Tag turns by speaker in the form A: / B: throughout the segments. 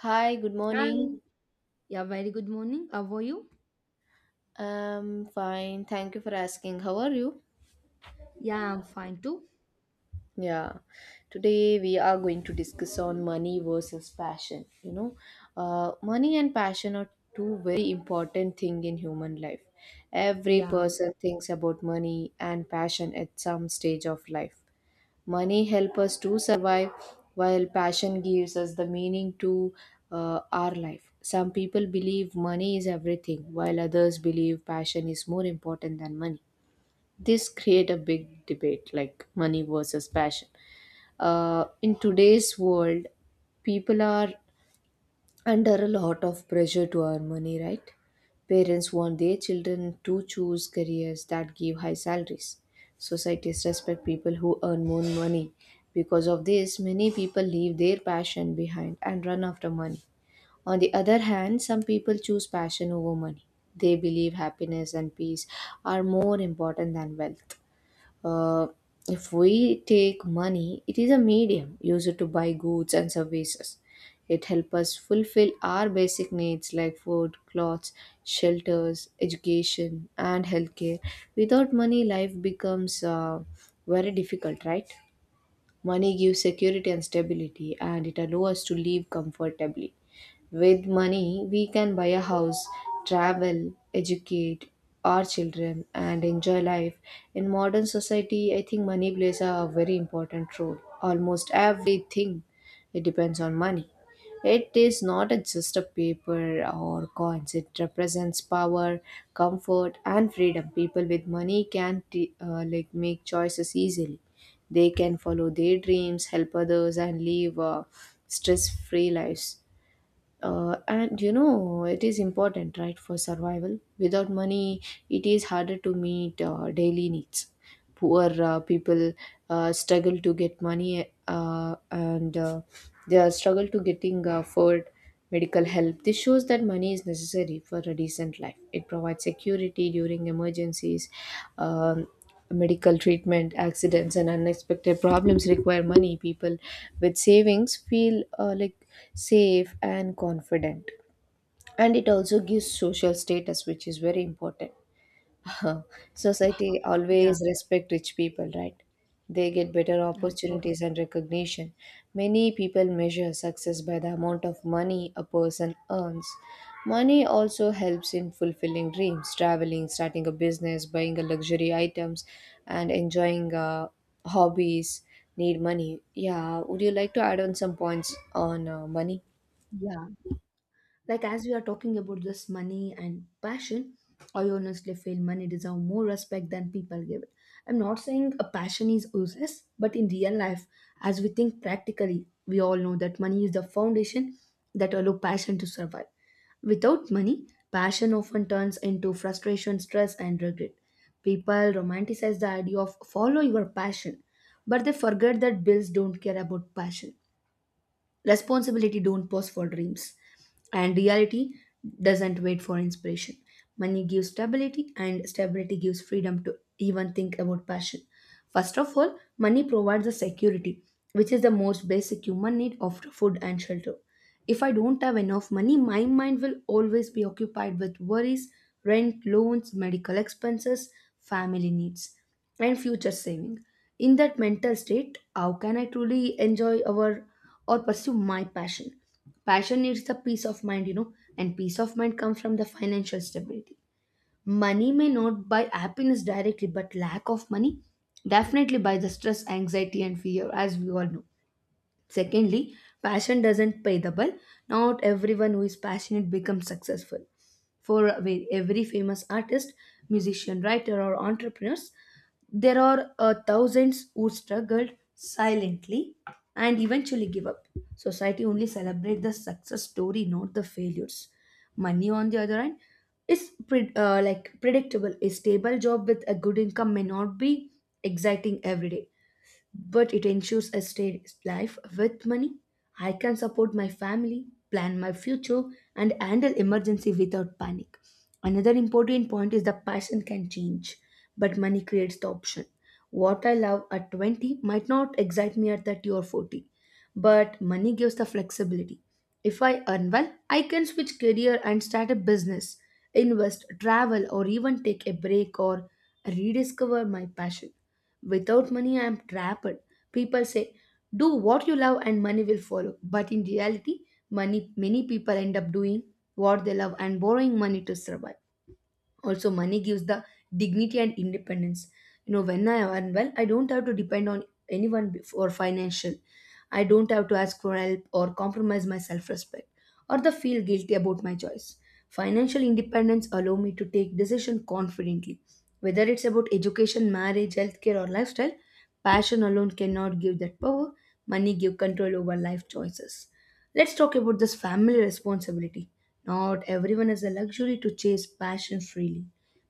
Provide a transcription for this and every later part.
A: Hi, good
B: Hi.
A: morning.
B: Yeah, very good morning. How are you?
A: I'm fine. Thank you for asking. How are you?
B: Yeah, I'm fine too.
A: Yeah. Today we are going to discuss on money versus passion. Money and passion are two very important thing in human life. Every
B: Yeah,
A: person thinks about money and passion at some stage of life. Money helps us to survive, while passion gives us the meaning to our life. Some people believe money is everything, while others believe passion is more important than money. This create a big debate, like money versus passion. In today's world, people are under a lot of pressure to earn money, right? Parents want their children to choose careers that give high salaries. Societies respect people who earn more money. Because of this, many people leave their passion behind and run after money. On the other hand, some people choose passion over money. They believe happiness and peace are more important than wealth. Uh, if we take money, it is a medium used to buy goods and services. It helps us fulfill our basic needs like food, clothes, shelters, education, and healthcare. Without money, life becomes very difficult, right? Money gives security and stability, and it allows us to live comfortably. With money, we can buy a house, travel, educate our children, and enjoy life. In modern society, I think money plays a very important role. Almost everything it depends on money. It is not a- just a paper or coins. It represents power, comfort, and freedom. People with money can like make choices easily. They can follow their dreams, help others, and live stress-free lives and you know it is important, right, for survival. Without money it is harder to meet daily needs. Poor people struggle to get money, and they are struggle to getting afford medical help. This shows that money is necessary for a decent life. It provides security during emergencies. um, Medical treatment, accidents, and unexpected problems require money. People with savings feel like safe and confident, and it also gives social status, which is very important. Society
B: yeah,
A: always respect rich people, right? They get better
B: of course.
A: opportunities and recognition. Many people measure success by the amount of money a person earns. Money also helps in fulfilling dreams, traveling, starting a business, buying a luxury items, and enjoying hobbies. Need money. Yeah, would you like to add on some points on money?
B: Yeah. Like as we are talking about this money and passion, I honestly feel money deserve more respect than people give it. I'm not saying a passion is useless, but in real life, as we think practically, we all know that money is the foundation that allow passion to survive. Without money, passion often turns into frustration, stress, and regret. People romanticize the idea of follow your passion, but they forget that bills don't care about passion, responsibility don't pause for dreams, and reality doesn't wait for inspiration. Money gives stability and stability gives freedom to even think about passion. First of all, money provides a security which is the most basic human need after food and shelter. If I don't have enough money, my mind will always be occupied with worries: rent, loans, medical expenses, family needs, and future saving. In that mental state, how can I truly enjoy our or pursue my passion? Passion needs the peace of mind, you know, and peace of mind comes from the financial stability. Money may not buy happiness directly, but lack of money definitely buy the stress, anxiety, and fear, as we all know. Secondly, passion doesn't pay the bill. Not everyone who is passionate becomes successful. For every famous artist, musician, writer, or entrepreneurs, there are thousands who struggled silently and eventually give up. Society only celebrates the success story, not the failures. Money, on the other hand, is like predictable. A stable job with a good income may not be exciting every day, but it ensures a steady life with money. I can support my family, plan my future, and handle emergency without panic. Another important point is the passion can change, but money creates the option. What I love at 20 might not excite me at 30 or 40, but money gives the flexibility. If I earn well, I can switch career and start a business, invest, travel, or even take a break or rediscover my passion. Without money, I am trapped. People say, do what you love and money will follow. But in reality, money many people end up doing what they love and borrowing money to survive. Also money gives the dignity and independence. You know, when I earn well, I don't have to depend on anyone for financial. I don't have to ask for help or compromise my self-respect or the feel guilty about my choice. Financial independence allow me to take decision confidently, whether it's about education, marriage, healthcare, or lifestyle. Passion alone cannot give that power. Money give control over life choices. Let's talk about this family responsibility. Not everyone has the luxury to chase passion freely.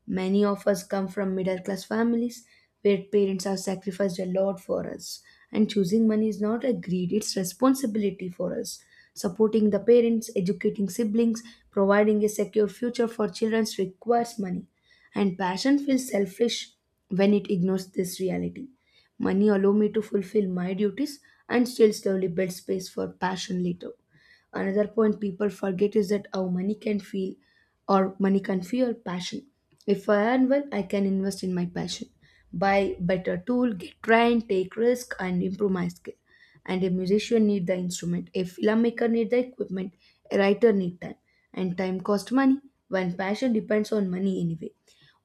B: Many of us come from middle class families where parents have sacrificed a lot for us. And choosing money is not a greed, it's responsibility for us. Supporting the parents, educating siblings, providing a secure future for children requires money. And passion feels selfish when it ignores this reality. Money allow me to fulfill my duties and still slowly build space for passion later. Another point people forget is that how money can feel or money can fuel passion. If I earn well, I can invest in my passion, buy better tool, get trained, take risk, and improve my skill. And a musician need the instrument, a filmmaker need the equipment, a writer need time, and time cost money. When passion depends on money anyway,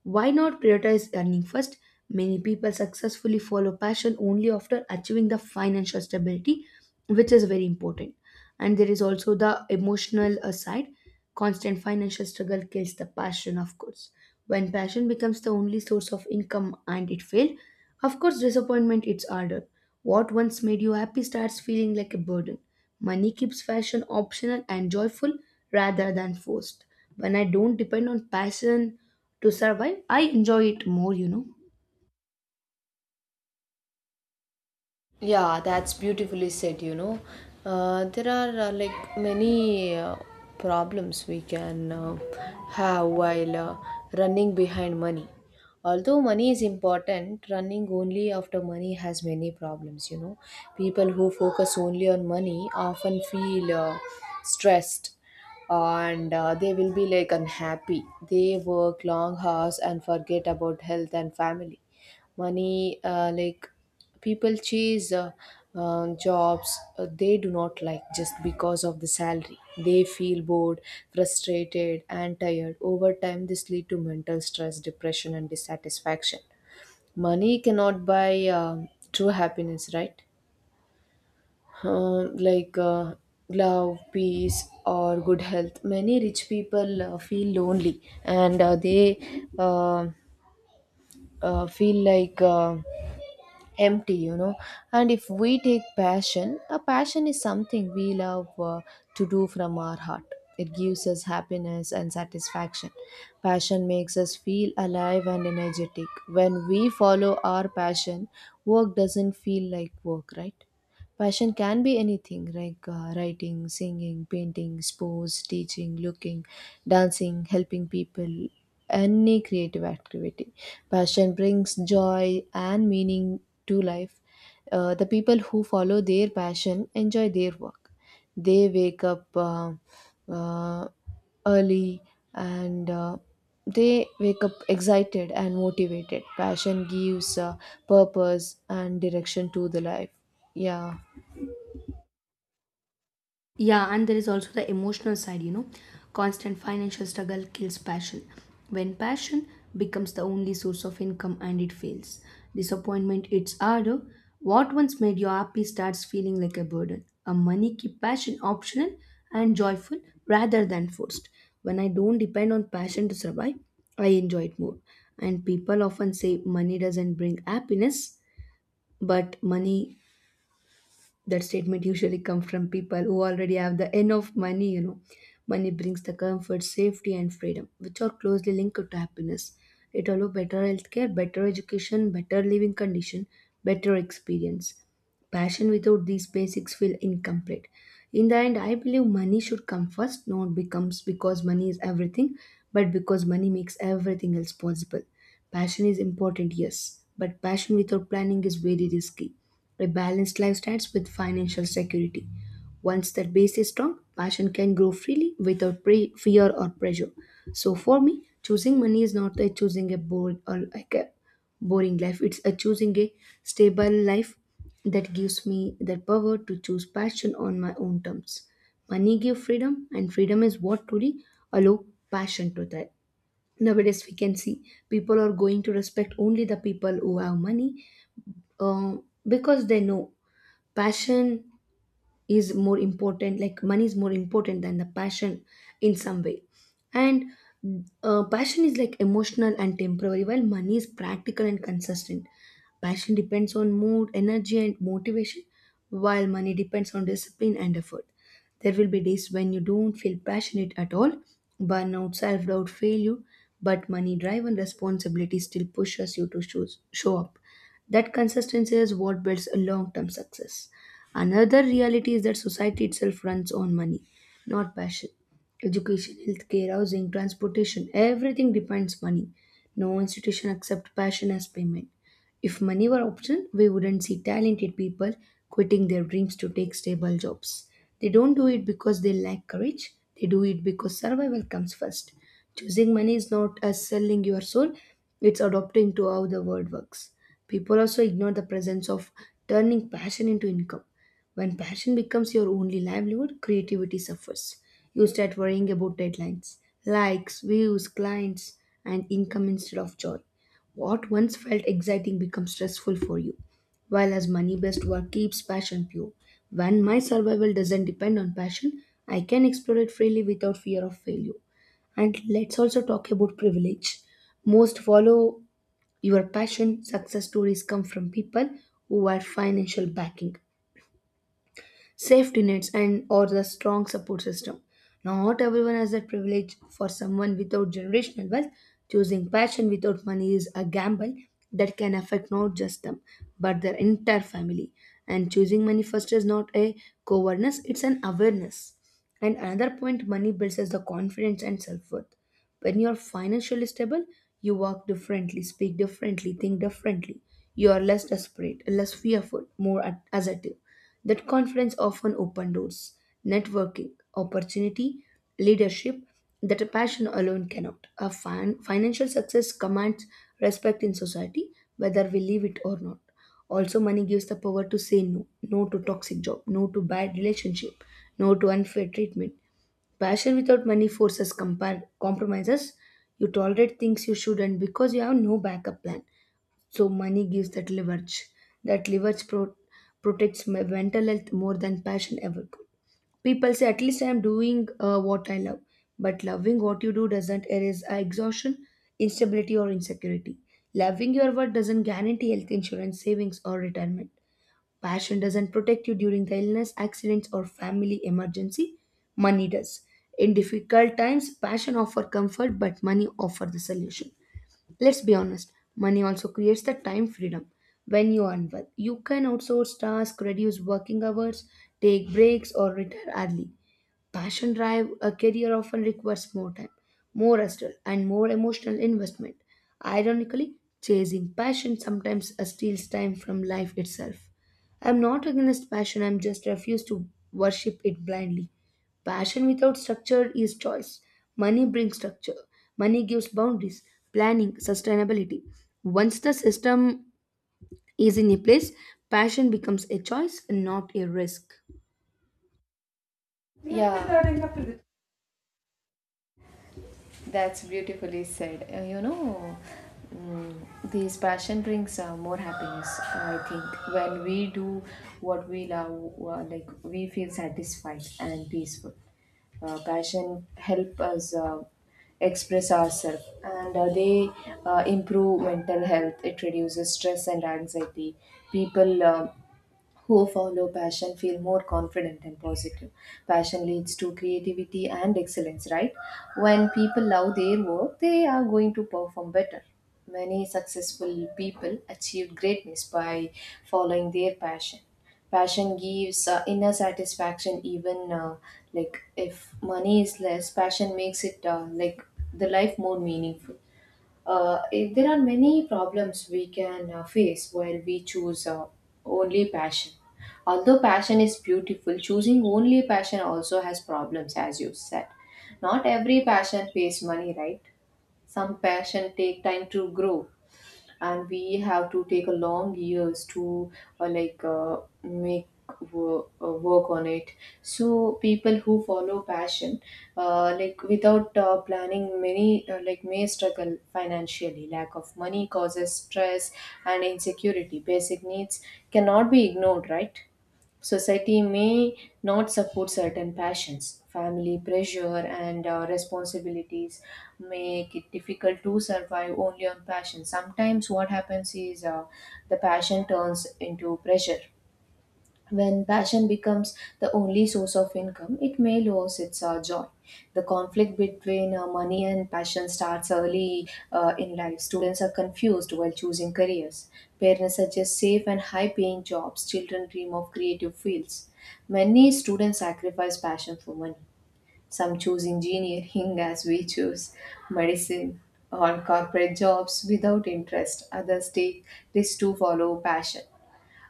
B: why not prioritize earning first? Many people successfully follow passion only after achieving the financial stability, which is very important. And there is also the emotional side. Constant financial struggle kills the passion, of course. When passion becomes the only source of income and it failed, of course, disappointment it's harder. What once made you happy starts feeling like a burden. Money keeps fashion optional and joyful rather than forced. When I don't depend on passion to survive, I enjoy it more, you know.
A: Yeah, that's beautifully said, you know. There are like many problems we can have while running behind money. Although money is important, running only after money has many problems, you know. People who focus only on money often feel stressed, and they will be like unhappy. They work long hours and forget about health and family. Money, like people chase jobs they do not like just because of the salary. They feel bored, frustrated, and tired. Over time this lead to mental stress, depression, and dissatisfaction. Money cannot buy true happiness, right? um, like uh, Love, peace, or good health. Many rich people feel lonely, and they feel like empty, you know. And if we take passion, a passion is something we love to do from our heart. It gives us happiness and satisfaction. Passion makes us feel alive and energetic. When we follow our passion, work doesn't feel like work, right? Passion can be anything like writing, singing, painting, sports, teaching, looking, dancing, helping people, any creative activity. Passion brings joy and meaning to life. The people who follow their passion enjoy their work. They wake up uh, early, and they wake up excited and motivated. Passion gives purpose and direction to the life. Yeah.
B: Yeah, and there is also the emotional side, you know, constant financial struggle kills passion. When passion becomes the only source of income and it fails, disappointment it's harder. What once made you happy starts feeling like a burden. A money keep passion optional and joyful rather than forced. When I don't depend on passion to survive, I enjoy it more. And people often say money doesn't bring happiness, but money that statement usually come from people who already have the enough money, you know. Money brings the comfort, safety, and freedom which are closely linked to happiness. It allows better healthcare, better education, better living condition, better experience. Passion without these basics feel incomplete. In the end, I believe money should come first, not becomes because money is everything, but because money makes everything else possible. Passion is important, yes, but passion without planning is very risky. A balanced life starts with financial security. Once that base is strong, passion can grow freely without fear or pressure. So for me, choosing money is not a choosing a bored or like a boring life. It's a choosing a stable life that gives me the power to choose passion on my own terms. Money gives freedom, and freedom is what truly allow passion to thrive. Nowadays, we can see people are going to respect only the people who have money, uh, because they know passion is more important, like money is more important than the passion in some way. And passion is like emotional and temporary, while money is practical and consistent. Passion depends on mood, energy, and motivation, while money depends on discipline and effort. There will be days when you don't feel passionate at all: burnout, self-doubt, failure. But money drive and responsibility still pushes you to choose, show up. That consistency is what builds a long-term success. Another reality is that society itself runs on money, not passion. Education, healthcare, housing, transportation, everything depends money. No institution accepts passion as payment. If money were optional, we wouldn't see talented people quitting their dreams to take stable jobs. They don't do it because they lack courage. They do it because survival comes first. Choosing money is not as selling your soul, it's adopting to how the world works. People also ignore the presence of turning passion into income. When passion becomes your only livelihood, creativity suffers. You start worrying about deadlines, likes, views, clients, and income instead of joy. What once felt exciting becomes stressful for you, while as money based work keeps passion pure. When my survival doesn't depend on passion, I can explore it freely without fear of failure. And let's also talk about privilege. Most follow your passion. Success stories come from people who are financial backing, safety nets and or the strong support system. Not everyone has that privilege. For someone without generational wealth, choosing passion without money is a gamble that can affect not just them, but their entire family. And choosing money first is not a coverness, it's an awareness. And another point money builds is the confidence and self-worth. When you're financially stable, you walk differently, speak differently, think differently. You are less desperate, less fearful, more assertive. That conference often opened doors, networking, opportunity, leadership that a passion alone cannot. A financial success commands respect in society, whether we leave it or not. Also, money gives the power to say no: no to toxic job, no to bad relationship, no to unfair treatment. Passion without money forces compromises. You tolerate things you shouldn't because you have no backup plan. So money gives that leverage. That leverage protects my mental health more than passion ever could. People say, at least I am doing what I love. But loving what you do doesn't erase exhaustion, instability, or insecurity. Loving your work doesn't guarantee health insurance, savings, or retirement. Passion doesn't protect you during the illness, accidents, or family emergency. Money does. In difficult times, passion offers comfort, but money offers the solution. Let's be honest, money also creates the time freedom. When you earn well, you can outsource tasks, reduce working hours, take breaks, or retire early. Passion drive a career often requires more time, more hustle, and more emotional investment. Ironically, chasing passion sometimes steals time from life itself. I'm not against passion, I'm just refuse to worship it blindly. Passion without structure is choice. Money brings structure. Money gives boundaries, planning, sustainability. Once the system is in a place, passion becomes a choice and not a risk.
A: Yeah, that's beautifully said. You know, mm, this passion brings more happiness, I think. When we do what we love, like we feel satisfied and peaceful. Passion help us express ourselves, and they improve mental health. It reduces stress and anxiety. People who follow passion feel more confident and positive. Passion leads to creativity and excellence, right? When people love their work, they are going to perform better. Many successful people achieved greatness by following their passion. Passion gives inner satisfaction, even like if money is less. Passion makes it like the life more meaningful. If there are many problems we can face while we choose only passion. Although passion is beautiful, choosing only passion also has problems, as you said. Not every passion pays money, right? Some passion take time to grow, and we have to take a long years to uh, like uh, make work on it. So people who follow passion like without planning many like may struggle financially. Lack of money causes stress and insecurity. Basic needs cannot be ignored, right? Society may not support certain passions. Family pressure and responsibilities make it difficult to survive only on passion. Sometimes, what happens is the passion turns into pressure. When passion becomes the only source of income, it may lose its joy. The conflict between money and passion starts early in life. Students are confused while choosing careers. Parents suggest safe and high paying jobs. Children dream of creative fields. Many students sacrifice passion for money. Some choose engineering as we choose medicine or corporate jobs without interest. Others take risks to follow passion.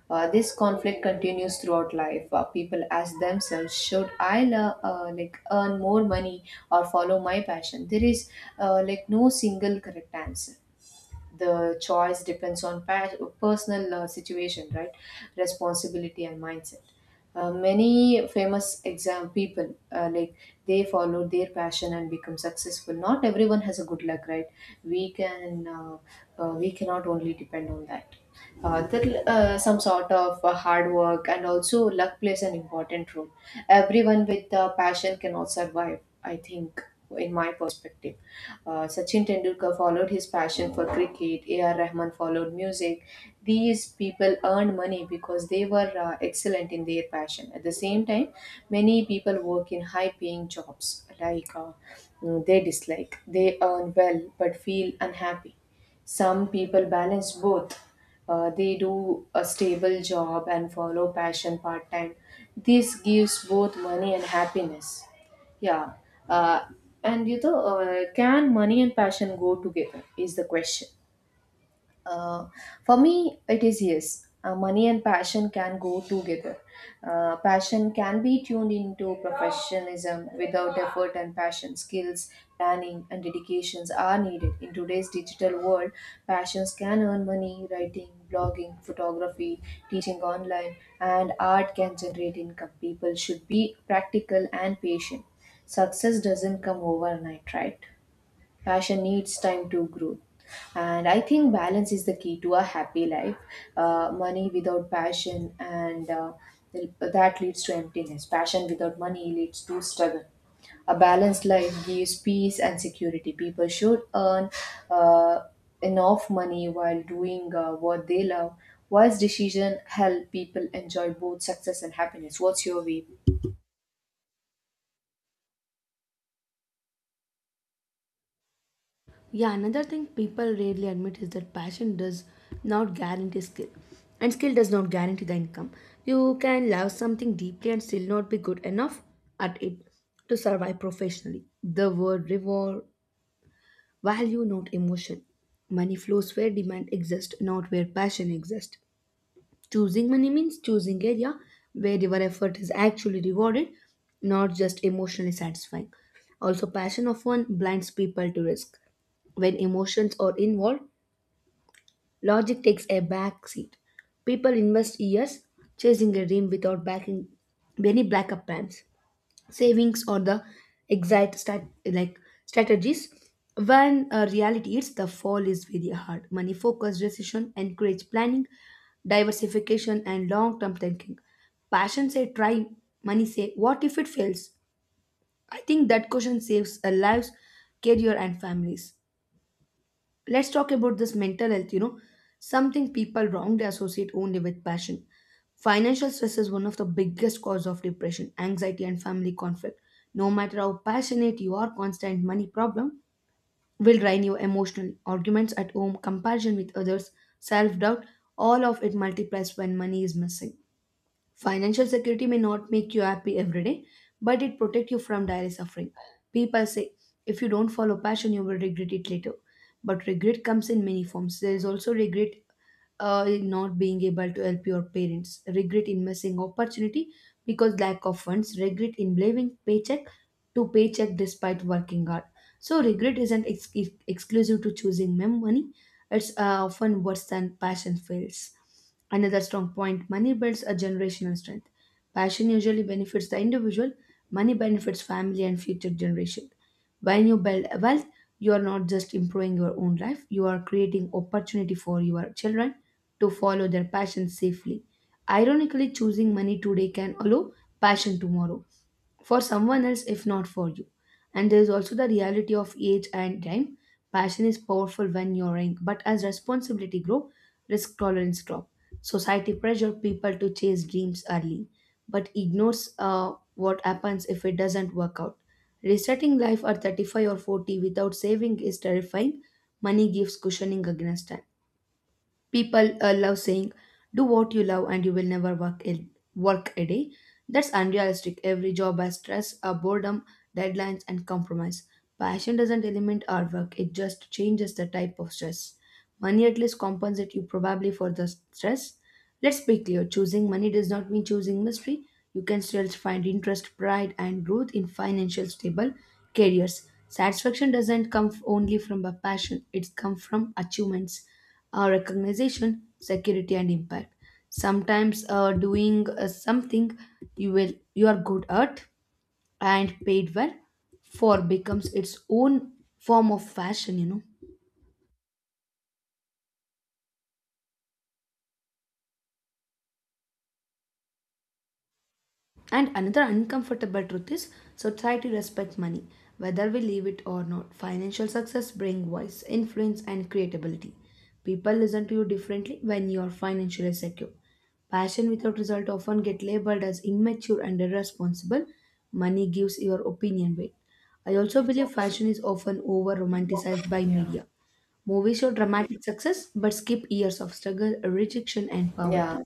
A: This conflict continues throughout life. People ask themselves, "Should I like earn more money or follow my passion?" There is like no single correct answer. The choice depends on personal situation, right? Responsibility and mindset. Many famous exam people like they followed their passion and become successful. Not everyone has a good luck, right? We can uh, we cannot only depend on that. Some sort of hard work and also luck plays an important role. Everyone with passion cannot survive, I think. In my perspective, Sachin Tendulkar followed his passion for cricket, AR Rahman followed music. These people earned money because they were excellent in their passion. At the same time, many people work in high paying jobs like uh, they dislike. They earn well but feel unhappy. Some people balance both. They do a stable job and follow passion part time. This gives both money and happiness. Yeah. Uh, and you know, can money and passion go together? Is the question. Uh, for me, it is yes. Money and passion can go together. Passion can be tuned into professionalism. Without effort and passion, skills, planning, and dedications are needed. In today's digital world, passions can earn money. Writing, blogging, photography, teaching online, and art can generate income. People should be practical and patient. Success doesn't come overnight, right? Passion needs time to grow. And I think balance is the key to a happy life. Money without passion, and that leads to emptiness. Passion without money leads to struggle. A balanced life gives peace and security. People should earn uh, enough money while doing what they love. Wise decision help people enjoy both success and happiness. What's your view?
B: Yeah, another thing people rarely admit is that passion does not guarantee skill. And skill does not guarantee the income. You can love something deeply and still not be good enough at it to survive professionally. The word reward value, not emotion. Money flows where demand exists, not where passion exists. Choosing money means choosing area where your effort is actually rewarded, not just emotionally satisfying. Also, passion often blinds people to risk. When emotions are involved, logic takes a back seat. People invest years chasing a dream without backing any backup plans, savings, or the exact stat- like strategies when reality is, the fall is very hard. Money focused decision encourage planning, diversification, and long term thinking. Passion say try, money say what if it fails. I think that question saves our lives, career, and families. Let's talk about this mental health, something people wrongly associate only with passion. Financial stress is one of the biggest cause of depression, anxiety, and family conflict. No matter how passionate you are, constant money problem will drain you emotionally. Arguments at home, comparison with others, self doubt, all of it multiplies when money is missing. Financial security may not make you happy every day, but it protects you from daily suffering. People say if you don't follow passion, you will regret it later. But regret comes in many forms. There is also regret in not being able to help your parents, regret in missing opportunity because lack of funds, regret in living paycheck to paycheck despite working hard. So regret isn't exclusive to choosing money; it's often worse than passion fails. Another strong point: money builds a generational strength. Passion usually benefits the individual; money benefits family and future generation. When you build wealth, you are not just improving your own life; you are creating opportunity for your children to follow their passion safely. Ironically, choosing money today can allow passion tomorrow for someone else if not for you. And there is also the reality of age and time. Passion is powerful when you're young, but as responsibility grow, risk tolerance drop. Society pressure people to chase dreams early, but ignores what happens if it doesn't work out. Resetting life at 35 or 40 without saving is terrifying. Money gives cushioning against time. People love saying, "Do what you love, and you will never work a day." That's unrealistic. Every job has stress, boredom, deadlines, and compromise. Passion doesn't eliminate our work; it just changes the type of stress. Money at least compensates you probably for the stress. Let's be clear: choosing money does not mean choosing mystery. You can still find interest, pride, and growth in financial stable careers. Satisfaction doesn't only from a passion, it comes from achievements, recognition, security, and impact. Sometimes doing something you are good at and paid well for becomes its own form of fashion, you know. And another uncomfortable truth is society respects money, whether we leave it or not. Financial success brings voice, influence, and creatability. People listen to you differently when you are financially secure. Passion without result often get labeled as immature and irresponsible. Money gives your opinion weight. I also believe fashion is often over romanticized by
A: Yeah.
B: media. Movies show dramatic success but skip years of struggle, rejection, and
A: Yeah.
B: poverty.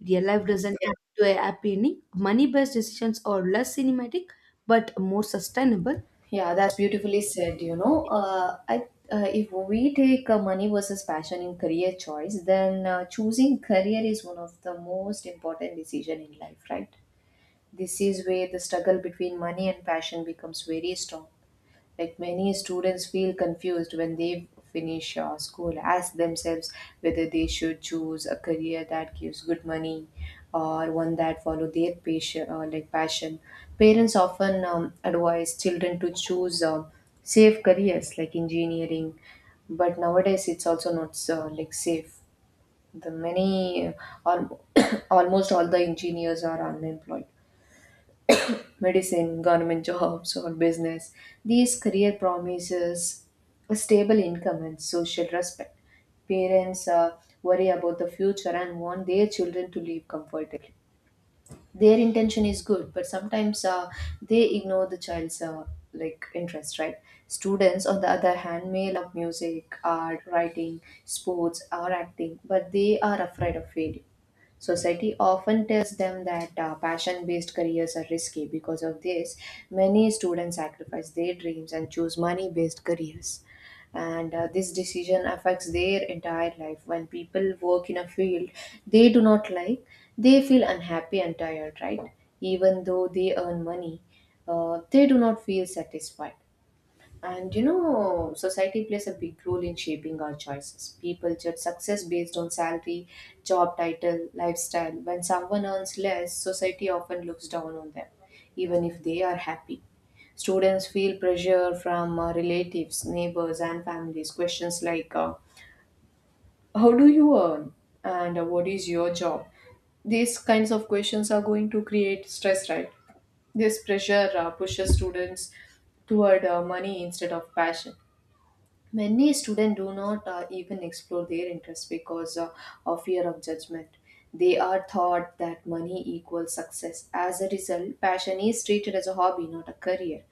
B: Real life doesn't end to a happy ending. Money based decisions are less cinematic but more sustainable.
A: Yeah, that's beautifully said. You know, I if we take money versus passion in career choice, then choosing career is one of the most important decision in life, right? This is where the struggle between money and passion becomes very strong. Like many students feel confused when they finish school, ask themselves whether they should choose a career that gives good money or one that follow their passion, like passion. Parents often advise children to choose safe careers like engineering, but nowadays it's also not like safe. The many, or almost all the engineers are unemployed. Medicine, government jobs, or business, these career promises a stable income and social respect. Parents worry about the future and want their children to live comfortably. Their intention is good, but sometimes they ignore the child's like interest, right? Students, on the other hand, may love music, art, writing, sports, or acting, but they are afraid of failure. Society often tells them that passion based careers are risky. Because of this, many students sacrifice their dreams and choose money based careers. And this decision affects their entire life. When people work in a field they do not like, they feel unhappy and tired, right? Even though they earn money, they do not feel satisfied. And you know, society plays a big role in shaping our choices. People judge success based on salary, job title, lifestyle. When someone earns less, society often looks down on them, even if they are happy. Students feel pressure from relatives, neighbors, and families. Questions like, how do you earn? And what is your job? These kinds of questions are going to create stress, right? This pressure pushes students toward money instead of passion. Many students do not even explore their interests because of fear of judgment. They are taught that money equals success. As a result, passion is treated as a hobby, not a career.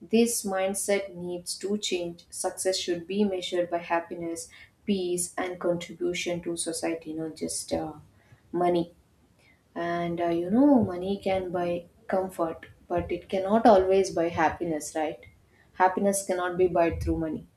A: This mindset needs to change. Success should be measured by happiness, peace, and contribution to society, not just money. And you know, money can buy comfort, but it cannot always buy happiness, right? Happiness cannot be bought through money,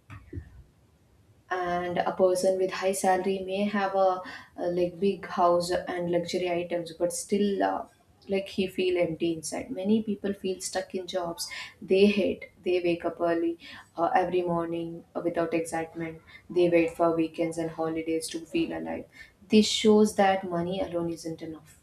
A: and a person with high salary may have a like big house and luxury items, but still like he feel empty inside. Many people feel stuck in jobs they hate. They wake up early every morning without excitement. They wait for weekends and holidays to feel alive. This shows that money alone isn't enough.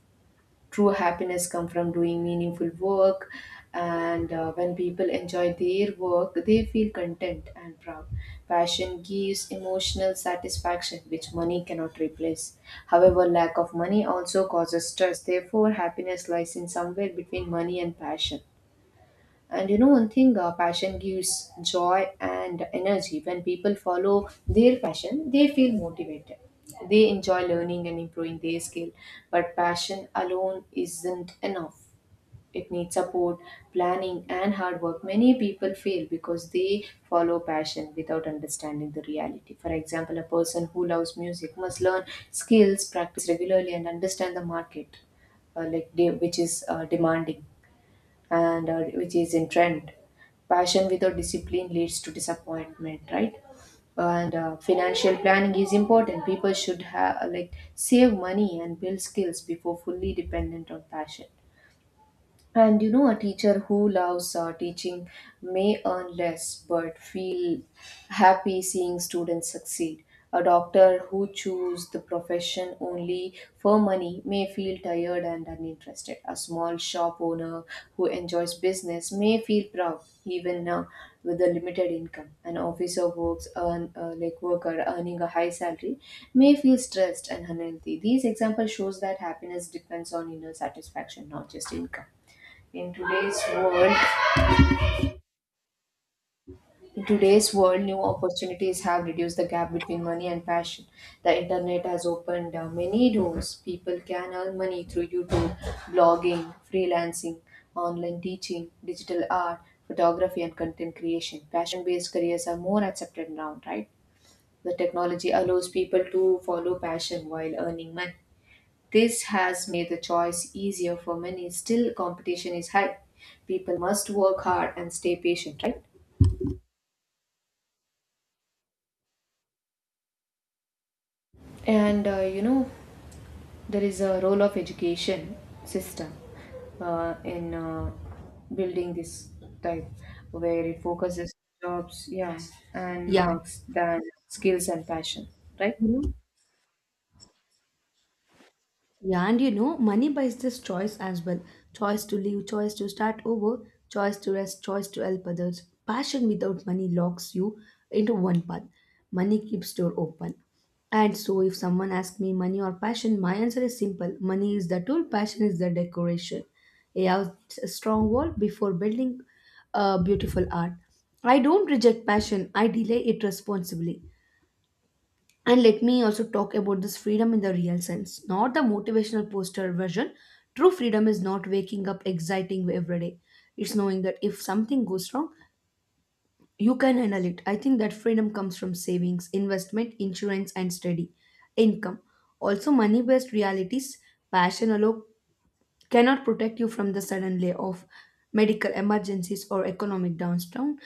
A: True happiness come from doing meaningful work, and when people enjoy their work, they feel content and proud. Passion gives emotional satisfaction, which money cannot replace. However, lack of money also causes stress, therefore happiness lies in somewhere between money and passion. And you know one thing, passion gives joy and energy. When people follow their passion, they feel motivated. They enjoy learning and improving their skill. But passion alone isn't enough. It needs support, planning, and hard work. Many people fail because they follow passion without understanding the reality. For example, a person who loves music must learn skills, practice regularly, and understand the market, like which is demanding and which is in trend. Passion without discipline leads to disappointment, right? And financial planning is important. People should have like save money and build skills before fully dependent on passion. And you know, a teacher who loves teaching may earn less but feel happy seeing students succeed. A doctor who chooses the profession only for money may feel tired and uninterested. A small shop owner who enjoys business may feel proud even with a limited income. An officer works earn like worker earning a high salary may feel stressed and unhealthy. These examples shows that happiness depends on inner satisfaction, not just income. In today's world, in today's world, new opportunities have reduced the gap between money and passion. The internet has opened many doors. People can earn money through YouTube, blogging, freelancing, online teaching, digital art, photography, and content creation. Passion-based careers are more accepted now, right? The technology allows people to follow passion while earning money. This has made the choice easier for many. Still, competition is high. People must work hard and stay patient, right? And you know, there is a role of education system in building this type, where it focuses jobs, yeah, and
B: Yeah.
A: marks than skills and passion, right?
B: you know, Yeah, and you know, money buys this choice as well. Choice to leave, choice to start over, choice to rest, choice to help others. Passion without money locks you into one path. Money keeps door open. And so if someone asks me money or passion, my answer is simple. Money is the tool, passion is the decoration. A house needs a strong wall before building a beautiful art. I don't reject passion, I delay it responsibly. And let me also talk about this freedom in the real sense, not the motivational poster version. True freedom is not waking up exciting every day. It's knowing that if something goes wrong, you can handle it. I think that freedom comes from savings, investment, insurance, and steady income. Also, money based realities, passion alone cannot protect you from the sudden layoff, medical emergencies, or economic downturn.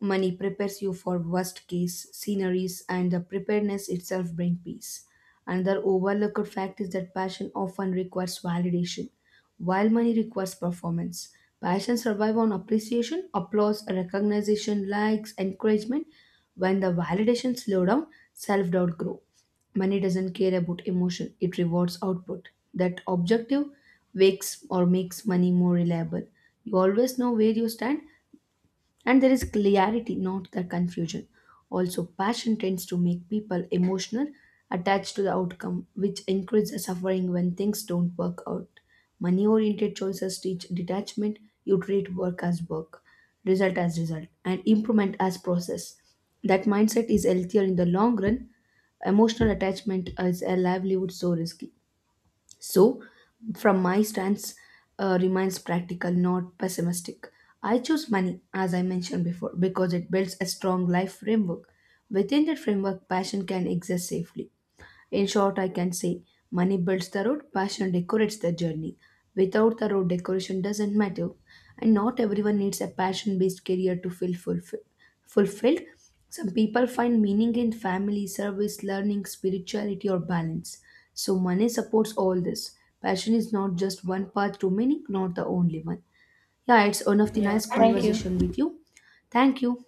B: Money prepares you for worst case scenarios, and the preparedness itself brings peace. Another overlooked fact is that passion often requires validation, while money requires performance. Passion survives on appreciation, applause, recognition, likes, encouragement. When the validation slows down, self doubt grows. Money doesn't care about emotion, it rewards output. That objective wakes or makes money more reliable. You always know where you stand and there is clarity, not the confusion. Also, passion tends to make people emotional, attached to the outcome, which increases suffering when things don't work out. Money oriented choices teach detachment, you treat work as work, result as result, and improvement as process. That mindset is healthier in the long run. Emotional attachment is a livelihood so risky. So, from my stance, remains practical, not pessimistic. I choose money, as I mentioned before, because it builds a strong life framework. Within that framework, passion can exist safely. In short, I can say money builds the road, passion decorates the journey. Without the road, decoration doesn't matter. And not everyone needs a passion based career to fulfilled. Some people find meaning in family, service, learning, spirituality, or balance. So, money supports all this. Passion is not just one path to meaning, not the only one. Yeah, it's one of the
A: Yeah.
B: nice
A: Thank you.
B: conversation
A: You.
B: with you. Thank you.